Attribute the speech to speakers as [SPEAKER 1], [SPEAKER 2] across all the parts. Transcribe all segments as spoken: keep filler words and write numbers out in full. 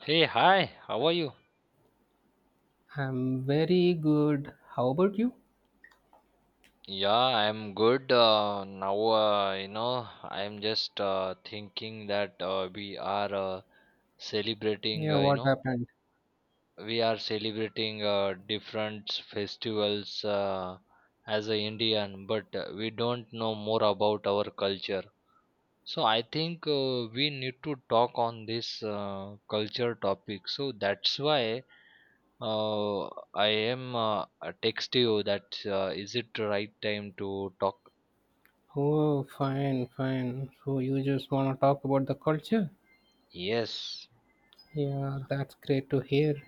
[SPEAKER 1] Hey, hi, how are you?
[SPEAKER 2] I'm very good. How about you?
[SPEAKER 1] Yeah, I'm good. Uh, now, uh, you know, I'm just uh, thinking that uh, we are uh, celebrating,
[SPEAKER 2] Yeah,
[SPEAKER 1] uh, you
[SPEAKER 2] what
[SPEAKER 1] know,
[SPEAKER 2] happened?
[SPEAKER 1] we are celebrating uh, different festivals uh, as an Indian, but uh, we don't know more about our culture. So I think uh, we need to talk on this uh, culture topic. So that's why Uh, I am uh, uh, text you that uh, is it right time to talk?
[SPEAKER 2] Oh, fine, fine. So you just want to talk about the culture?
[SPEAKER 1] Yes.
[SPEAKER 2] Yeah, that's great to hear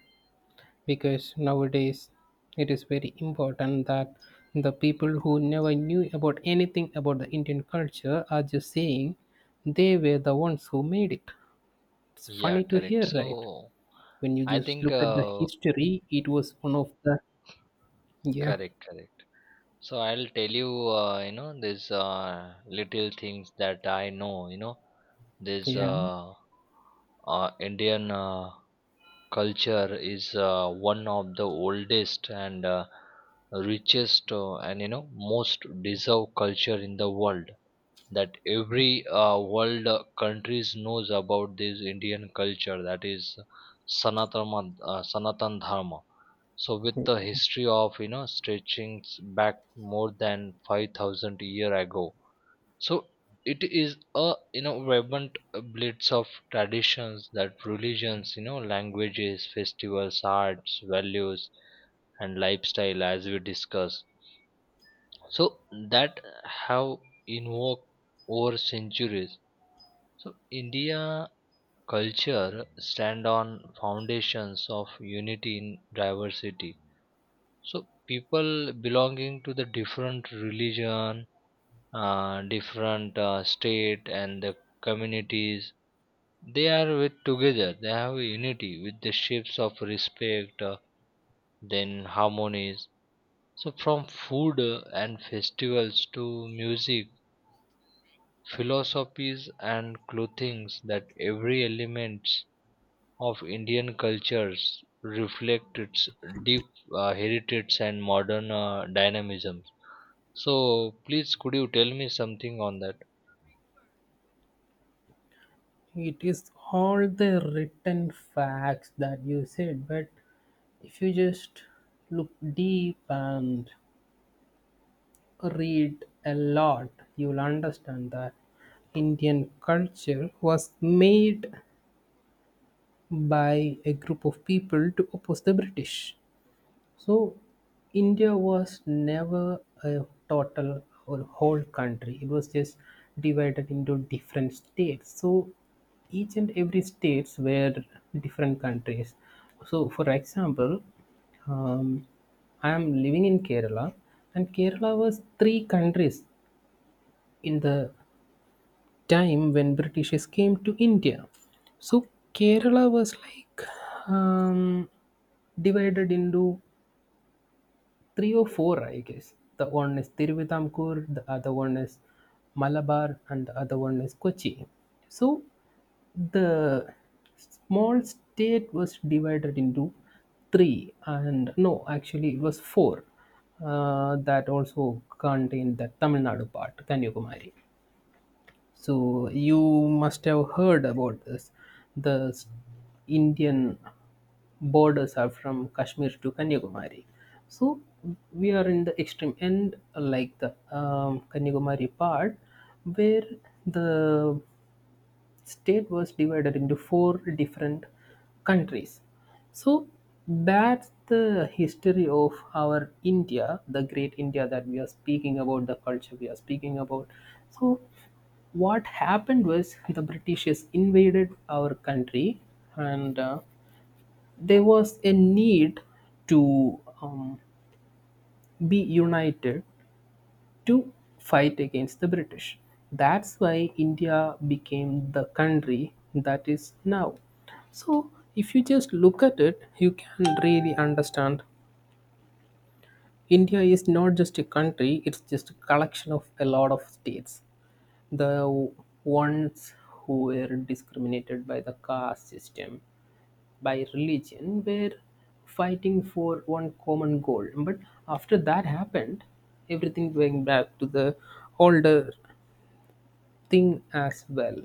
[SPEAKER 2] because nowadays it is very important that the people who never knew about anything about the Indian culture are just saying they were the ones who made it. It's
[SPEAKER 1] Yeah,
[SPEAKER 2] funny to
[SPEAKER 1] correct.
[SPEAKER 2] hear, right?
[SPEAKER 1] So
[SPEAKER 2] When you
[SPEAKER 1] I
[SPEAKER 2] just
[SPEAKER 1] think,
[SPEAKER 2] look at the
[SPEAKER 1] uh,
[SPEAKER 2] history, it was one of the yeah,
[SPEAKER 1] correct, correct. So I'll tell you, uh, you know, these uh, little things that I know. You know, this
[SPEAKER 2] yeah,
[SPEAKER 1] uh, uh, Indian uh, culture is uh, one of the oldest and uh, richest uh, and you know most deserved culture in the world that
[SPEAKER 2] okay.
[SPEAKER 1] every uh, world uh, countries knows about this Indian culture that is Sanatana, uh, Sanatan Dharma. So with the history of you know stretching back more than five thousand year ago, so it is a you know vibrant uh, blitz of traditions that religions, you know, languages, festivals, arts, values, and lifestyle as we discussed. So that have invoked over centuries, so India culture stand on foundations of unity in diversity. So people belonging to the different religion, uh, different uh, state and the communities, they are with together. They have a unity with the shapes of respect, uh, then harmonies. So from food uh, and festivals to music, philosophies and clothings, that every element of Indian cultures reflect its deep uh, heritage and modern uh, dynamism. So, please could you tell me something on that?
[SPEAKER 2] It is all the written facts that you said, but if you just look deep and read a lot, you'll understand that Indian culture was made by a group of people to oppose the British. So, India was never a total or whole country. It was just divided into different states. So, each and every states were different countries. So, for example, um, I am living in Kerala, and Kerala was three countries in the time when Britishes came to India. So Kerala was like um, divided into three or four, I guess. The one is Tiruvitampur, the other one is Malabar, and the other one is Kochi. So the small state was divided into three, and no, actually it was four. Uh, that also contained the Tamil Nadu part, Kanyakumari. So you must have heard about this. The s- Indian borders are from Kashmir to Kanyakumari. So we are in the extreme end, like the um, Kanyakumari part, where the state was divided into four different countries. So that's the history of our India, the great India that we are speaking about, the culture we are speaking about. So what happened was the britishers invaded our country, and uh, there was a need to um, be united to fight against the British. That's why India became the country that is now. So, if you just look at it, you can really understand India is not just a country, it's just a collection of a lot of states. The ones who were discriminated by the caste system, by religion were fighting for one common goal. But after that happened, everything went back to the older thing as well.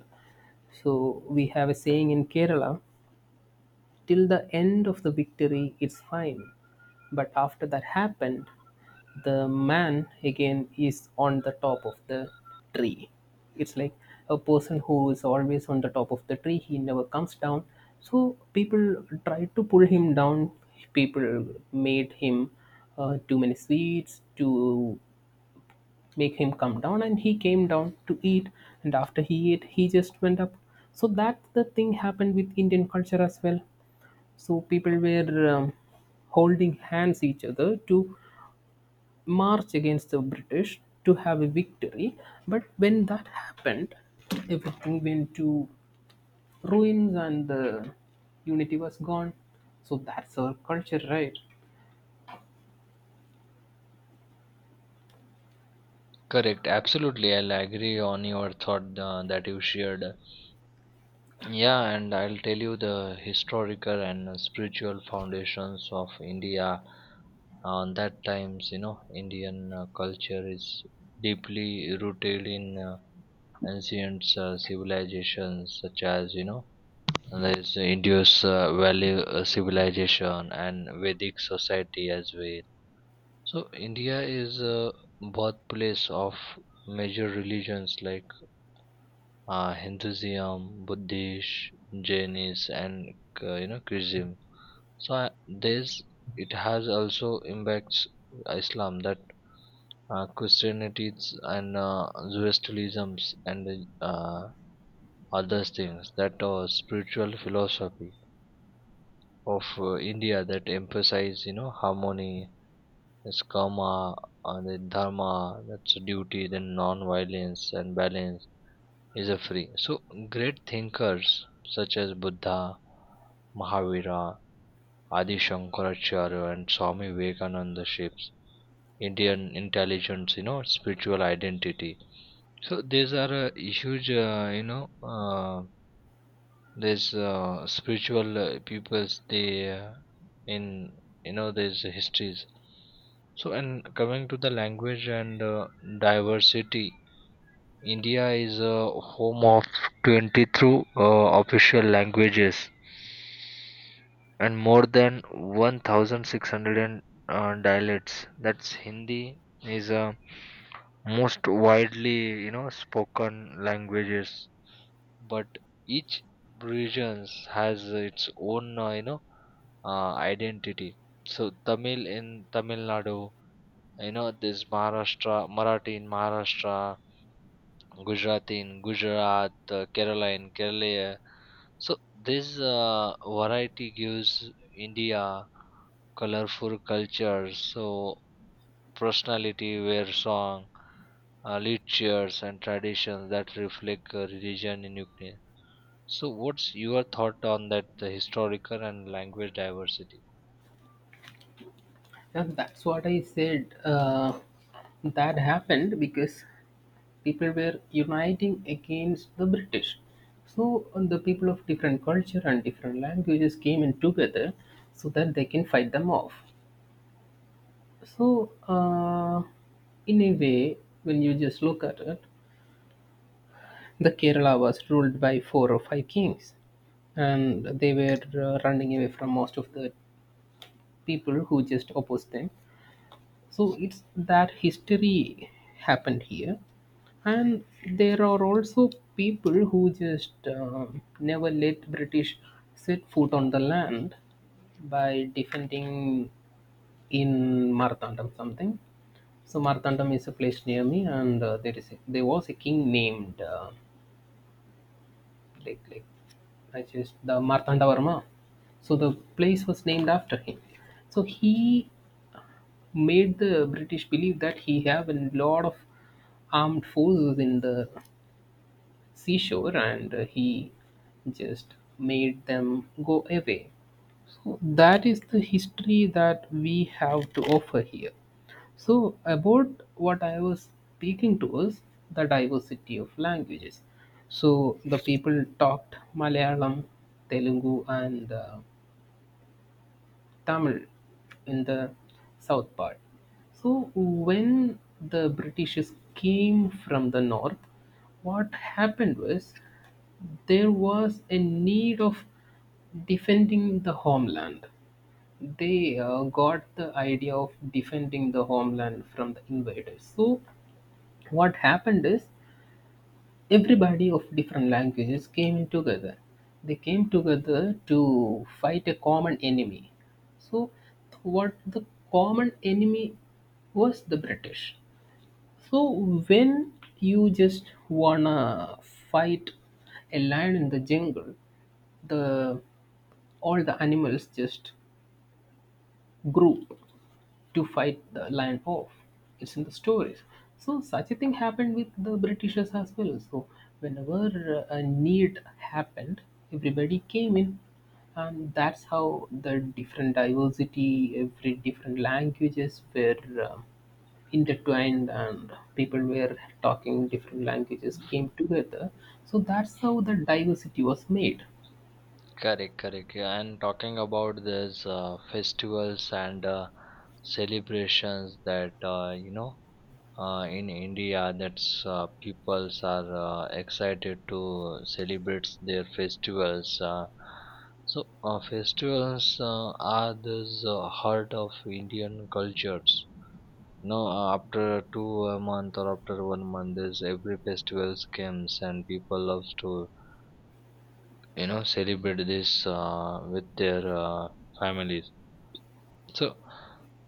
[SPEAKER 2] So we have a saying in Kerala, till the end of the victory it's fine, but after that happened the man again is on the top of the tree. It's like a person who is always on the top of the tree, he never comes down. So people tried to pull him down. People made him uh, too many sweets to make him come down, and he came down to eat, and after he ate he just went up. So that the thing happened with Indian culture as well. So people were um, holding hands each other to march against the British to have a victory, but when that happened everything went to ruins and the unity was gone. So that's our culture, right?
[SPEAKER 1] Correct, absolutely. I'll agree on your thought uh, that you shared. Yeah, and I'll tell you the historical and uh, spiritual foundations of India. On that times, you know, Indian uh, culture is deeply rooted in uh, ancient uh, civilizations such as you know and there's India's uh, value uh, civilization and Vedic society as well. So India is a birthplace of major religions like uh, Hinduism, Buddhist, Jainism, and uh, you know Christianism. So uh, this it has also impacts Islam, that uh, Christianity and uh, Zoroastrianism and uh, other things that are spiritual philosophy of uh, India that emphasize you know harmony, that's karma, and then dharma, that's duty, then non-violence and balance is a free. So great thinkers such as Buddha, Mahavira, Adi Shankaracharya, and Swami Vivekananda shapes Indian intelligence, you know, spiritual identity. So these are a huge, uh, you know, uh, there's uh, spiritual uh, peoples they uh, in you know there's histories. So and coming to the language and uh, diversity, India is a home of twenty-three uh, official languages and more than one thousand six hundred and, uh, dialects. That's Hindi is a most widely you know spoken languages, but each regions has its own uh, you know uh, identity. So Tamil in Tamil Nadu, you know this maharashtra Marathi in Maharashtra, Gujarati in Gujarat, uh, Kerala in Kerala. So this uh, variety gives India colorful cultures, so personality where song, uh, literatures and traditions that reflect uh, religion in Ukraine. So, what's your thought on that the historical and language diversity?
[SPEAKER 2] Yeah, that's what I said. Uh, that happened because people were uniting against the British. So uh, the people of different culture and different languages came in together so that they can fight them off. So uh, in a way, when you just look at it, the Kerala was ruled by four or five kings, and they were uh, running away from most of the people who just opposed them. So it's that history happened here, and there are also people who just uh, never let British set foot on the land by defending in Marthandam something. So Marthandam is a place near me, and uh, there is a, there was a king named uh, like like I just the Marthandavarma. So the place was named after him. So he made the British believe that he have a lot of armed forces in the seashore, and uh, he just made them go away. So that is the history that we have to offer here. So about what I was speaking to us, the diversity of languages. So the people talked Malayalam, Telugu, and uh, Tamil in the south part. So, when the Britishes came from the north, what happened was there was a need of defending the homeland. They uh, got the idea of defending the homeland from the invaders. So, what happened is everybody of different languages came in together. They came together to fight a common enemy. So what the common enemy was, the British. So when you just wanna fight a lion in the jungle, the all the animals just group to fight the lion off. It's in the stories. So such a thing happened with the Britishers as well. So whenever uh, a need happened, everybody came in, and that's how the different diversity, every different languages were uh, intertwined, and people were talking different languages came together. So that's how the diversity was made.
[SPEAKER 1] Correct, correct. Yeah, and talking about this uh, festivals and uh, celebrations that uh, you know uh, in India, that's uh, peoples are uh, excited to celebrate their festivals. Uh, so uh, festivals uh, are the heart of Indian cultures. No, uh, after two a month or after one month, there's every festival comes and people love to you know celebrate this uh, with their uh, families. So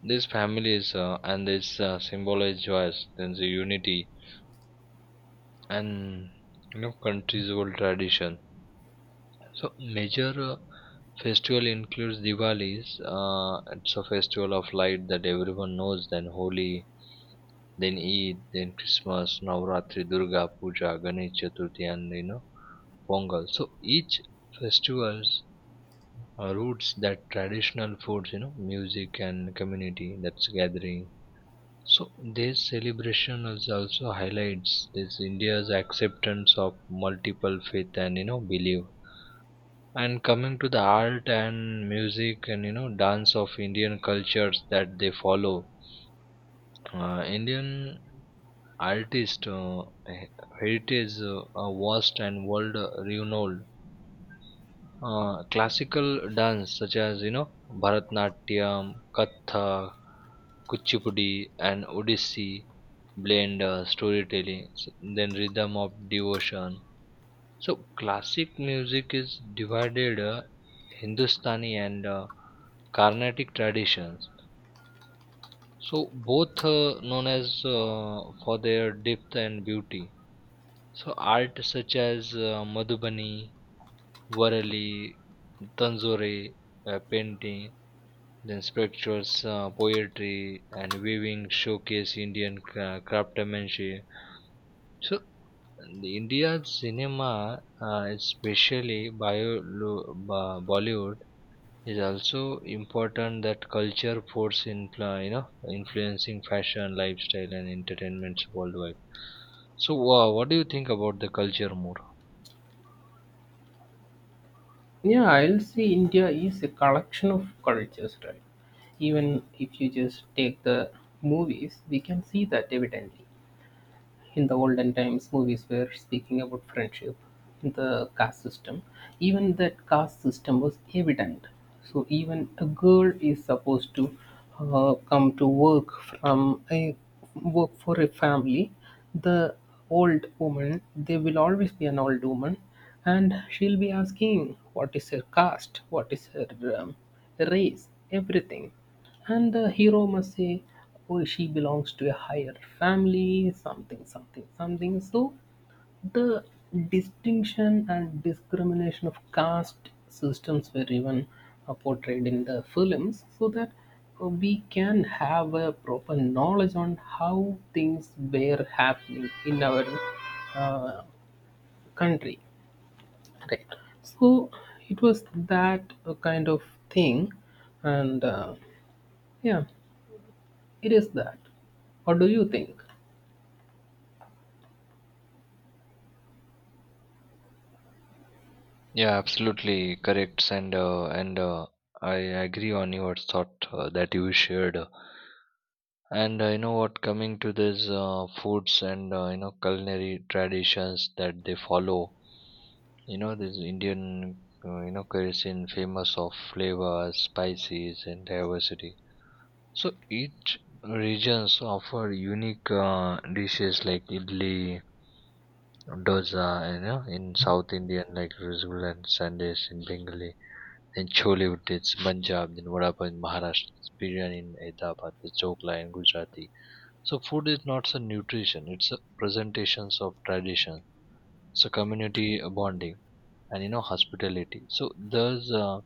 [SPEAKER 1] these families uh, and this uh, symbolize joys, then the unity and you know country's old tradition. So major uh, festival includes Diwali's. Uh, it's a festival of light that everyone knows. Then Holi, then Eid, then Christmas, Navratri, Durga Puja, Ganesh Chaturthi, and you know Pongal. So each festivals uh, roots that traditional foods, you know, music and community that's gathering. So this celebration is also highlights this India's acceptance of multiple faith and you know belief. And coming to the art and music and you know dance of Indian cultures that they follow, uh, Indian artist uh, he- heritage uh, are vast and world renowned. Uh, classical dance such as you know Bharatanatyam, Kathak, Kuchipudi, and Odissi blend uh, storytelling, s- then rhythm of devotion. So classic music is divided uh, Hindustani and uh, Carnatic traditions. So both uh, known as uh, for their depth and beauty. So art such as uh, Madhubani, Varali, Tanzore, uh, painting, then sculptures, uh, poetry, and weaving showcase Indian cra- craftsmanship. So the India's cinema, uh, especially bio, lo- ba- Bollywood, is also important that culture force influ- you know influencing fashion, lifestyle, and entertainments worldwide. So uh, what do you think about the culture more?
[SPEAKER 2] Yeah, I'll say India is a collection of cultures, right? Even if you just take the movies, we can see that evidently. In the olden times, movies were speaking about friendship in the caste system. Even that caste system was evident. So even a girl is supposed to uh, come to work from a work for a family. The old woman, there will always be an old woman, and she'll be asking what is her caste, what is her um, race, everything. And the hero must say, oh, she belongs to a higher family, something, something, something. So the distinction and discrimination of caste systems were even uh, portrayed in the films so that uh, we can have a proper knowledge on how things were happening in our uh, country, right? So it was that uh, kind of thing, and uh, yeah, it is that. What do you think?
[SPEAKER 1] Yeah, absolutely correct, and uh, and uh, I agree on your thought uh, that you shared. And uh, you know what, coming to these uh, foods and uh, you know culinary traditions that they follow, you know this Indian uh, you know cuisine famous of flavors, spices, and diversity. So each regions offer unique uh, dishes like idli, dosa, you know, in South Indian like rasgulla and sandes in Bengali in Chollywood, it's Punjab, then vada pav in Maharashtra, it's biryani in Hyderabad, the chokla in Gujarati. So food is not a nutrition; it's a presentations of tradition. It's a community uh, bonding and you know hospitality. So there's uh,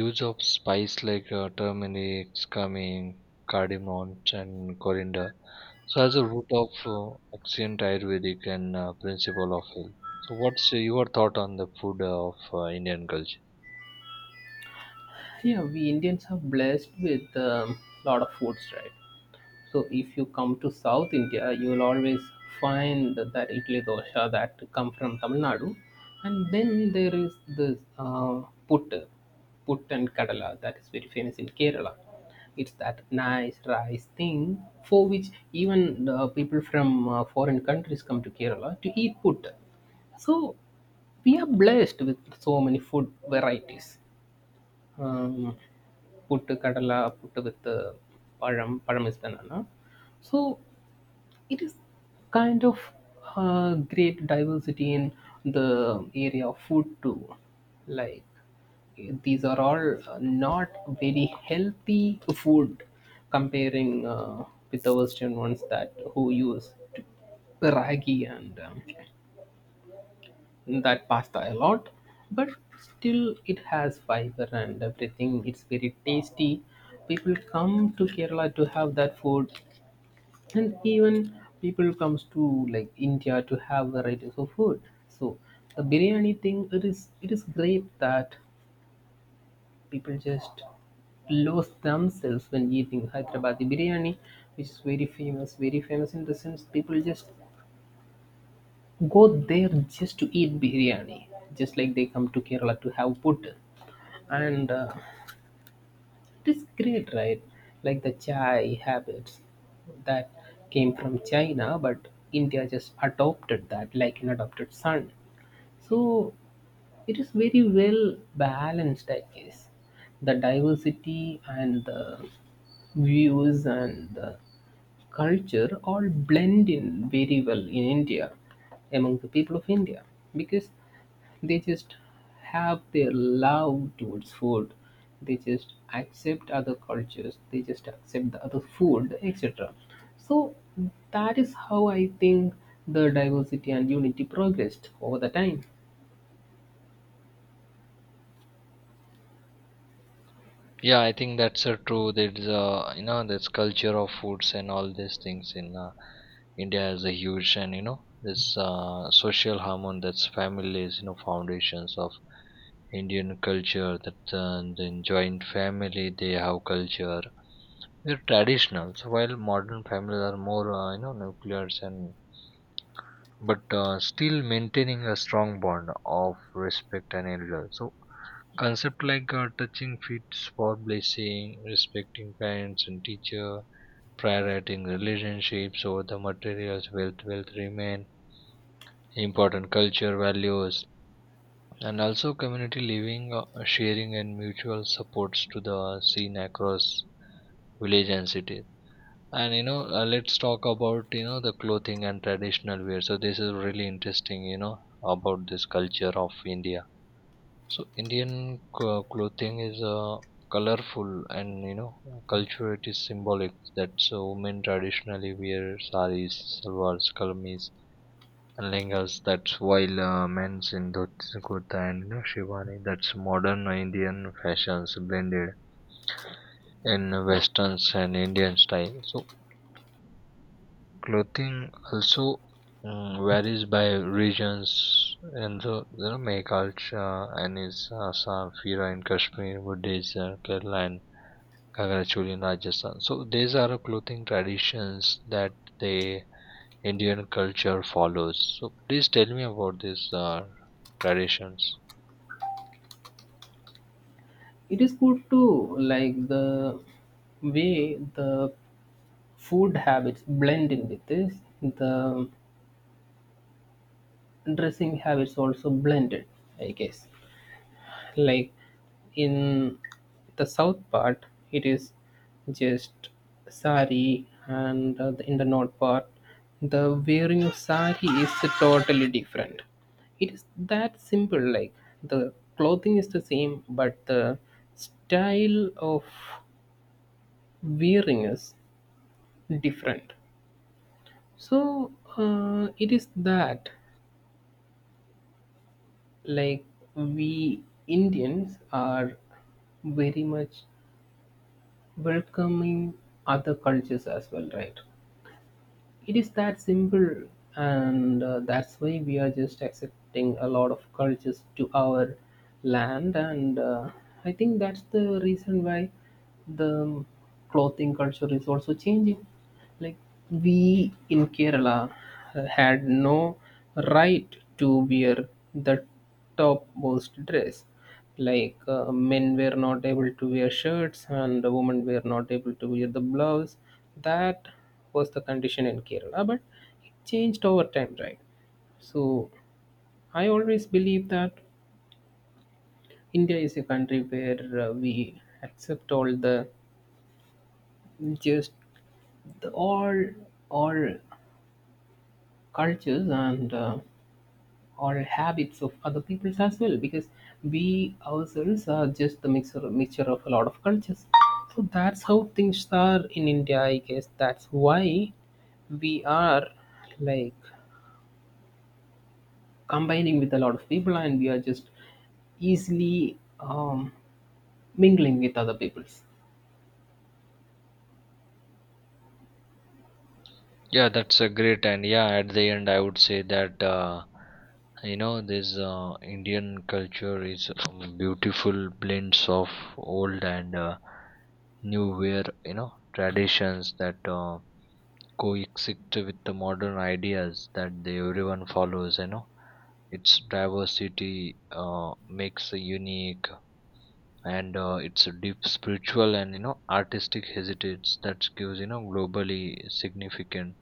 [SPEAKER 1] use of spice like uh, turmeric, cumin, cardamom, and coriander. So as a root of uh, ancient Ayurvedic and uh, principle of health. So what's your thought on the food of uh, Indian culture?
[SPEAKER 2] Yeah, we Indians are blessed with a lot of foods, right? So if you come to South India, you will always find that idli dosha that come from Tamil Nadu, and then there is this uh, put, put and kadala that is very famous in Kerala. It's that nice rice thing for which even the people from uh, foreign countries come to Kerala to eat put. So we are blessed with so many food varieties. um, Put puttu, put with with param pazham is banana. So, it is kind of uh, great diversity in the area of food too. Like, these are all uh, not very healthy food comparing uh, with the Western ones that who use ragi and um, that pasta a lot, but still it has fiber and everything. It's very tasty. People come to Kerala to have that food, and even people comes to like India to have varieties of food. So the biryani thing, it is it is great that people just lose themselves when eating Hyderabadi biryani, which is very famous, very famous in the sense people just go there just to eat biryani, just like they come to Kerala to have put. And uh, it is great, right? Like the chai habits that came from China, but India just adopted that like an adopted son. So it is very well balanced, I guess. The diversity and the views and the culture all blend in very well in India among the people of India because they just have their love towards food. They just accept other cultures, they just accept the other food, etc. So that is how I think the diversity and unity progressed over the time.
[SPEAKER 1] Yeah, I think that's uh, true. There's uh, you know this culture of foods and all these things in uh, India is a huge and you know this uh, social harmony, that's family is you know foundations of Indian culture that uh, the joint family they have culture, they're traditional. So while modern families are more uh, you know nuclear and but uh, still maintaining a strong bond of respect and elder. So concept like uh, touching feet for blessing, respecting parents and teacher, prioritizing relationships over the materials, wealth, wealth remain important culture values, and also community living, uh, sharing and mutual supports to the scene across village and city. And you know, uh, let's talk about you know the clothing and traditional wear. So this is really interesting, you know, about this culture of India. So Indian clo- clothing is uh, colorful and you know culture it is symbolic that so women traditionally wear saris, salwars, kameez and lehengas. That's while uh, men's in dhoti, kurta and you know, shirwani. That's modern Indian fashions blended in Westerns and Indian style. So clothing also mm, varies by regions and so you know culture, and is Assam, Fira in Kashmir, Buddhist, uh, Kerala and Kagra choli in Rajasthan. So these are the clothing traditions that the Indian culture follows. So please tell me about these uh, traditions.
[SPEAKER 2] It is good too, like the way the food habits blend in with this. The dressing habits also blended, I guess. Like in the south part, it is just sari, and uh, in the north part, the wearing of sari is totally different. It is that simple, like the clothing is the same, but the style of wearing is different. So uh, it is that, like we Indians are very much welcoming other cultures as well, right? It is that simple, and uh, that's why we are just accepting a lot of cultures to our land. And uh, I think that's the reason why the clothing culture is also changing. Like we in Kerala had no right to wear the topmost dress, like uh, men were not able to wear shirts and the women were not able to wear the blouse. That was the condition in Kerala, but it changed over time, right? So I always believe that India is a country where uh, we accept all the just the, all all cultures and uh, or habits of other peoples as well, because we ourselves are just the mixer mixture of a lot of cultures. So that's how things are in India, I guess. That's why we are like combining with a lot of people, and we are just easily um, mingling with other peoples.
[SPEAKER 1] Yeah, that's a great. And yeah, at the end I would say that uh, you know this uh, Indian culture is um, beautiful blends of old and uh, new where you know traditions that uh, coexist with the modern ideas that they everyone follows. You know, its diversity uh, makes a unique and uh, its deep spiritual and you know artistic heritage that gives you know globally significant,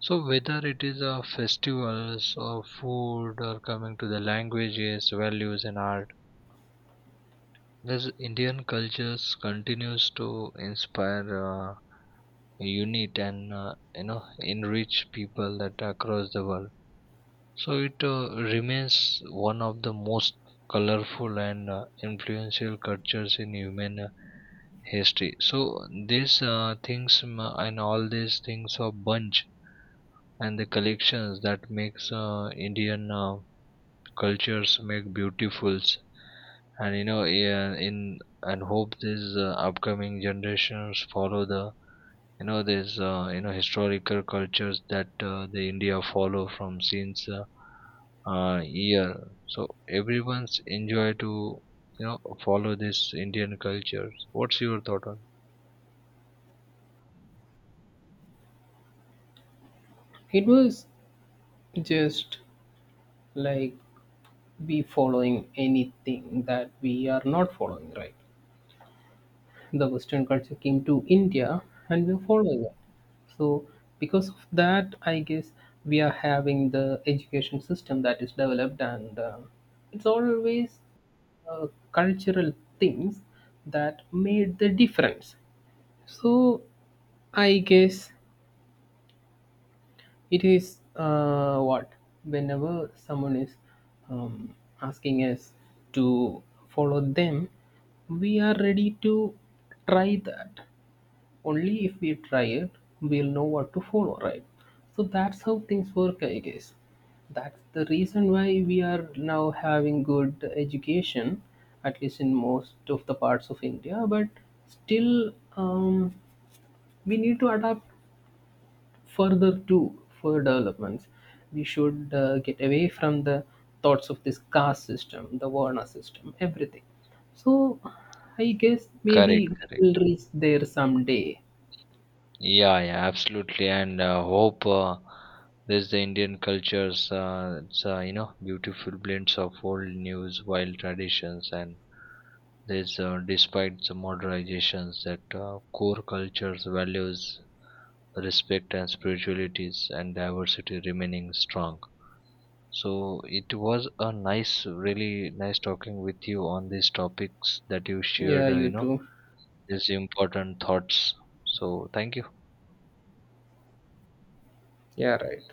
[SPEAKER 1] so whether it is a festivals or food or coming to the languages, values and art, this Indian cultures continues to inspire, uh, unite and uh, you know enrich people that across the world. So it uh, remains one of the most colorful and uh, influential cultures in human uh, history. So these uh, things mm, and all these things are bunch and the collections that makes uh, Indian uh, cultures make beautifuls, and you know yeah, in and hope these uh, upcoming generations follow the you know these uh, you know historical cultures that uh, the India follow from since uh, uh, year. So everyone's enjoy to you know follow this Indian cultures. What's your thought on
[SPEAKER 2] It was just like we following anything that we are not following, right? The Western culture came to India and we're following it. So because of that, I guess we are having the education system that is developed, and uh, it's always uh, cultural things that made the difference. So I guess it is uh, what whenever someone is um, asking us to follow them, we are ready to try that. Only if we try it we'll know what to follow, right? So that's how things work, I guess. That's the reason why we are now having good education at least in most of the parts of India, but still um, we need to adapt further too for developments. We should uh, get away from the thoughts of this caste system, the varna system, everything. So I guess maybe
[SPEAKER 1] correct,
[SPEAKER 2] we
[SPEAKER 1] correct?
[SPEAKER 2] will reach there someday.
[SPEAKER 1] Yeah, yeah, absolutely. And uh, hope uh, this the Indian cultures. Uh, it's uh, you know beautiful blends of old news, wild traditions, and this uh, despite the modernizations that uh, core cultures values respect and spiritualities and diversity remaining strong. So it was a nice, really nice talking with you on these topics that you
[SPEAKER 2] Yeah,
[SPEAKER 1] shared. Uh, you
[SPEAKER 2] you
[SPEAKER 1] know
[SPEAKER 2] too.
[SPEAKER 1] these important thoughts. So thank you.
[SPEAKER 2] Yeah, right.